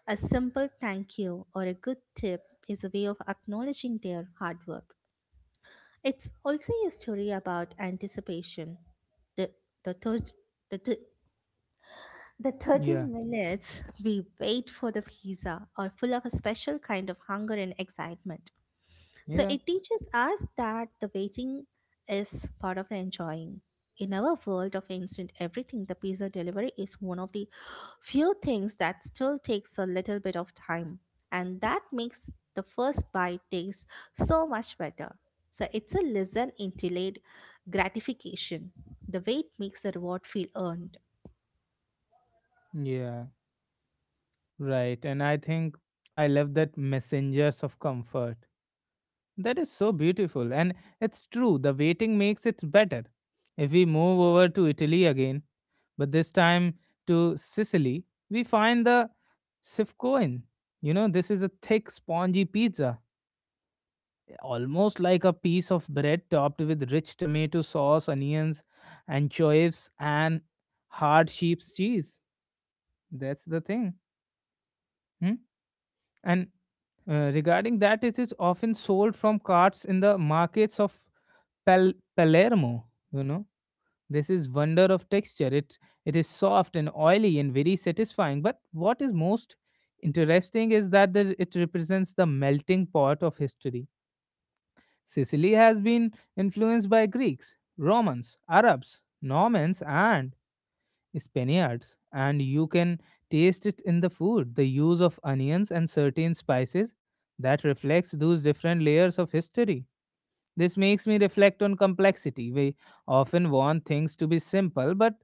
[SPEAKER 2] A simple thank you or a good tip is a way of acknowledging their hard work. It's also a story about anticipation, the, the, thirst- the The 30
[SPEAKER 1] yeah,
[SPEAKER 2] minutes we wait for the pizza are full of a special kind of hunger and excitement. So
[SPEAKER 1] yeah,
[SPEAKER 2] it teaches us that the waiting is part of the enjoying. In our world of instant everything, the pizza delivery is one of the few things that still takes a little bit of time. And that makes the first bite taste so much better. So it's a listen and delayed gratification. The wait makes the reward feel earned.
[SPEAKER 1] yeah. Right. And I think I love that messengers of comfort. That is so beautiful, and it's true, the waiting makes it better. If we move over to Italy again, but this time to Sicily, we find the sifcoin. You know, this is a thick, spongy pizza, almost like a piece of bread topped with rich tomato sauce, onions, anchovies, and hard sheep's cheese. That's the thing. Hmm? And regarding that, it is often sold from carts in the markets of Palermo, you know. This is wonder of texture. It is soft and oily and very satisfying. But what is most interesting is that the, it represents the melting pot of history. Sicily has been influenced by Greeks, Romans, Arabs, Normans, and Spaniards, and you can taste it in the food. The use of onions and certain spices that reflects those different layers of history. This makes me reflect on complexity. We often want things to be simple, but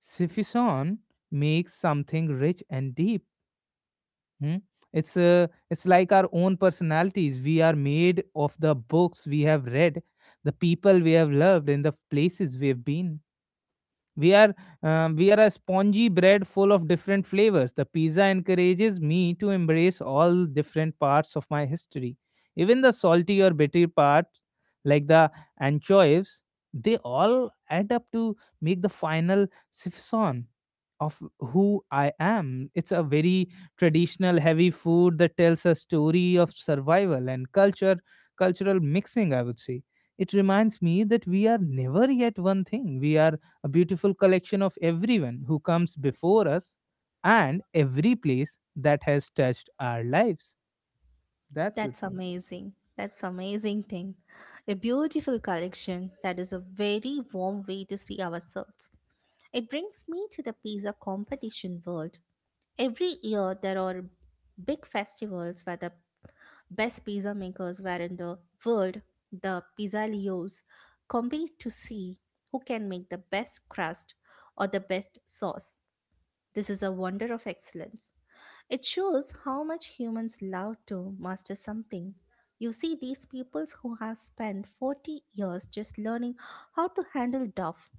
[SPEAKER 1] Suffusion makes something rich and deep. Hmm? It's like our own personalities. We are made of the books we have read, the people we have loved, and the places we have been. We are we are a spongy bread full of different flavors. The pizza encourages me to embrace all different parts of my history, even the salty or bitter parts, like the anchovies. They all add up to make the final sifson of who I am. It's a very traditional heavy food that tells a story of survival and culture, cultural mixing, I would say. It reminds me that we are never yet one thing. We are a beautiful collection of everyone who comes before us and every place that has touched our lives. That's the
[SPEAKER 2] That's
[SPEAKER 1] thing.
[SPEAKER 2] amazing. That's amazing thing. A beautiful collection. That is a very warm way to see ourselves. It brings me to the pizza competition world. Every year there are big festivals where the best pizza makers were in the world, the pizzalios, compete to see who can make the best crust or the best sauce. This is a wonder of excellence. It shows how much humans love to master something. You see, these peoples who have spent 40 years just learning how to handle duff,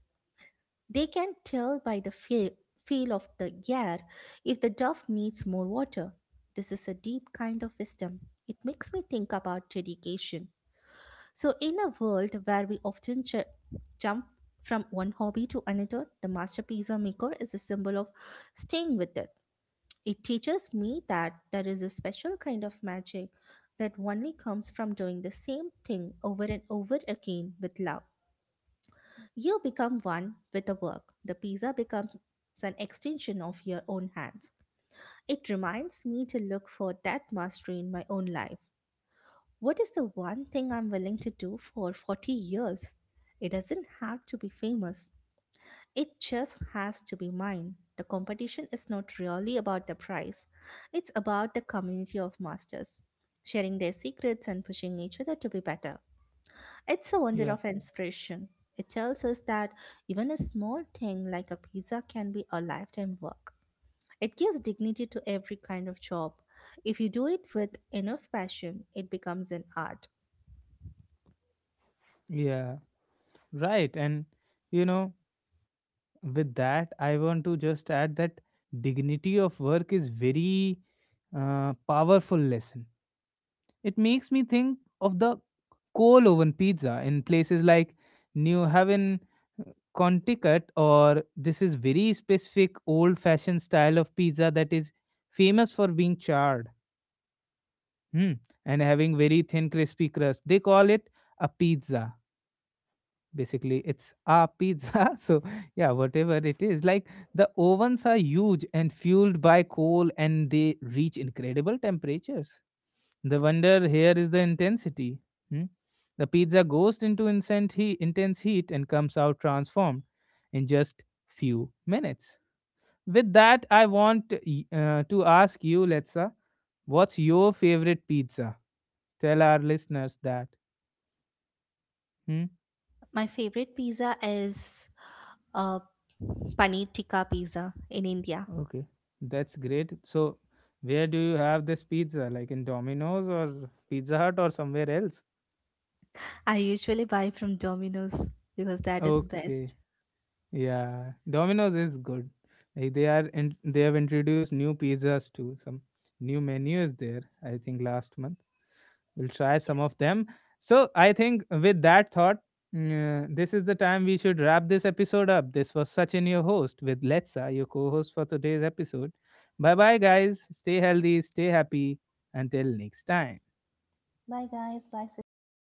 [SPEAKER 2] they can tell by the feel of the air if the duff needs more water. This is a deep kind of wisdom. It makes me think about dedication. So, in a world where we often jump from one hobby to another, the master pizza maker is a symbol of staying with it. It teaches me that there is a special kind of magic that only comes from doing the same thing over and over again with love. You become one with the work. The pizza becomes an extension of your own hands. It reminds me to look for that mastery in my own life. What is the one thing I'm willing to do for 40 years? It doesn't have to be famous. It just has to be mine. The competition is not really about the prize, it's about the community of masters, sharing their secrets and pushing each other to be better. It's a wonder
[SPEAKER 1] Yeah.
[SPEAKER 2] of inspiration. It tells us that even a small thing like a pizza can be a lifetime work. It gives dignity to every kind of job. If you do it with enough passion, it becomes an art.
[SPEAKER 1] Yeah. Right. And, you know, with that I want to just add that dignity of work is very powerful lesson. It makes me think of the coal oven pizza in places like New Haven, uh, Connecticut. Or this is very specific old fashioned style of pizza that is famous for being charred, hmm, and having very thin crispy crust. They call it a pizza. Basically it's a pizza so yeah, whatever it is, like, the ovens are huge and fueled by coal and they reach incredible temperatures. The wonder here is the intensity. Hmm? The pizza goes into intense heat and comes out transformed in just few minutes. With that I want to ask you, Letsa, what's your favorite pizza? Tell our listeners that. Hmm?
[SPEAKER 2] My favorite pizza is uh, paneer tikka pizza in India.
[SPEAKER 1] Okay, that's great. So, where do you have this pizza? Like in Domino's or Pizza Hut or somewhere else?
[SPEAKER 2] I usually buy from Domino's because that is
[SPEAKER 1] Okay,
[SPEAKER 2] best.
[SPEAKER 1] yeah, Domino's is good. Like they are in, they have introduced new pizzas too. Some new menu is there. I think last month. We'll try
[SPEAKER 2] Yeah.
[SPEAKER 1] some of them. So I think with that thought, this is the time we should wrap this episode up. This was Sachin, your host, with Letsa, your co host for today's episode. Bye bye, guys. Stay healthy, stay happy. Until next time.
[SPEAKER 2] Bye, guys. Bye, Sachin.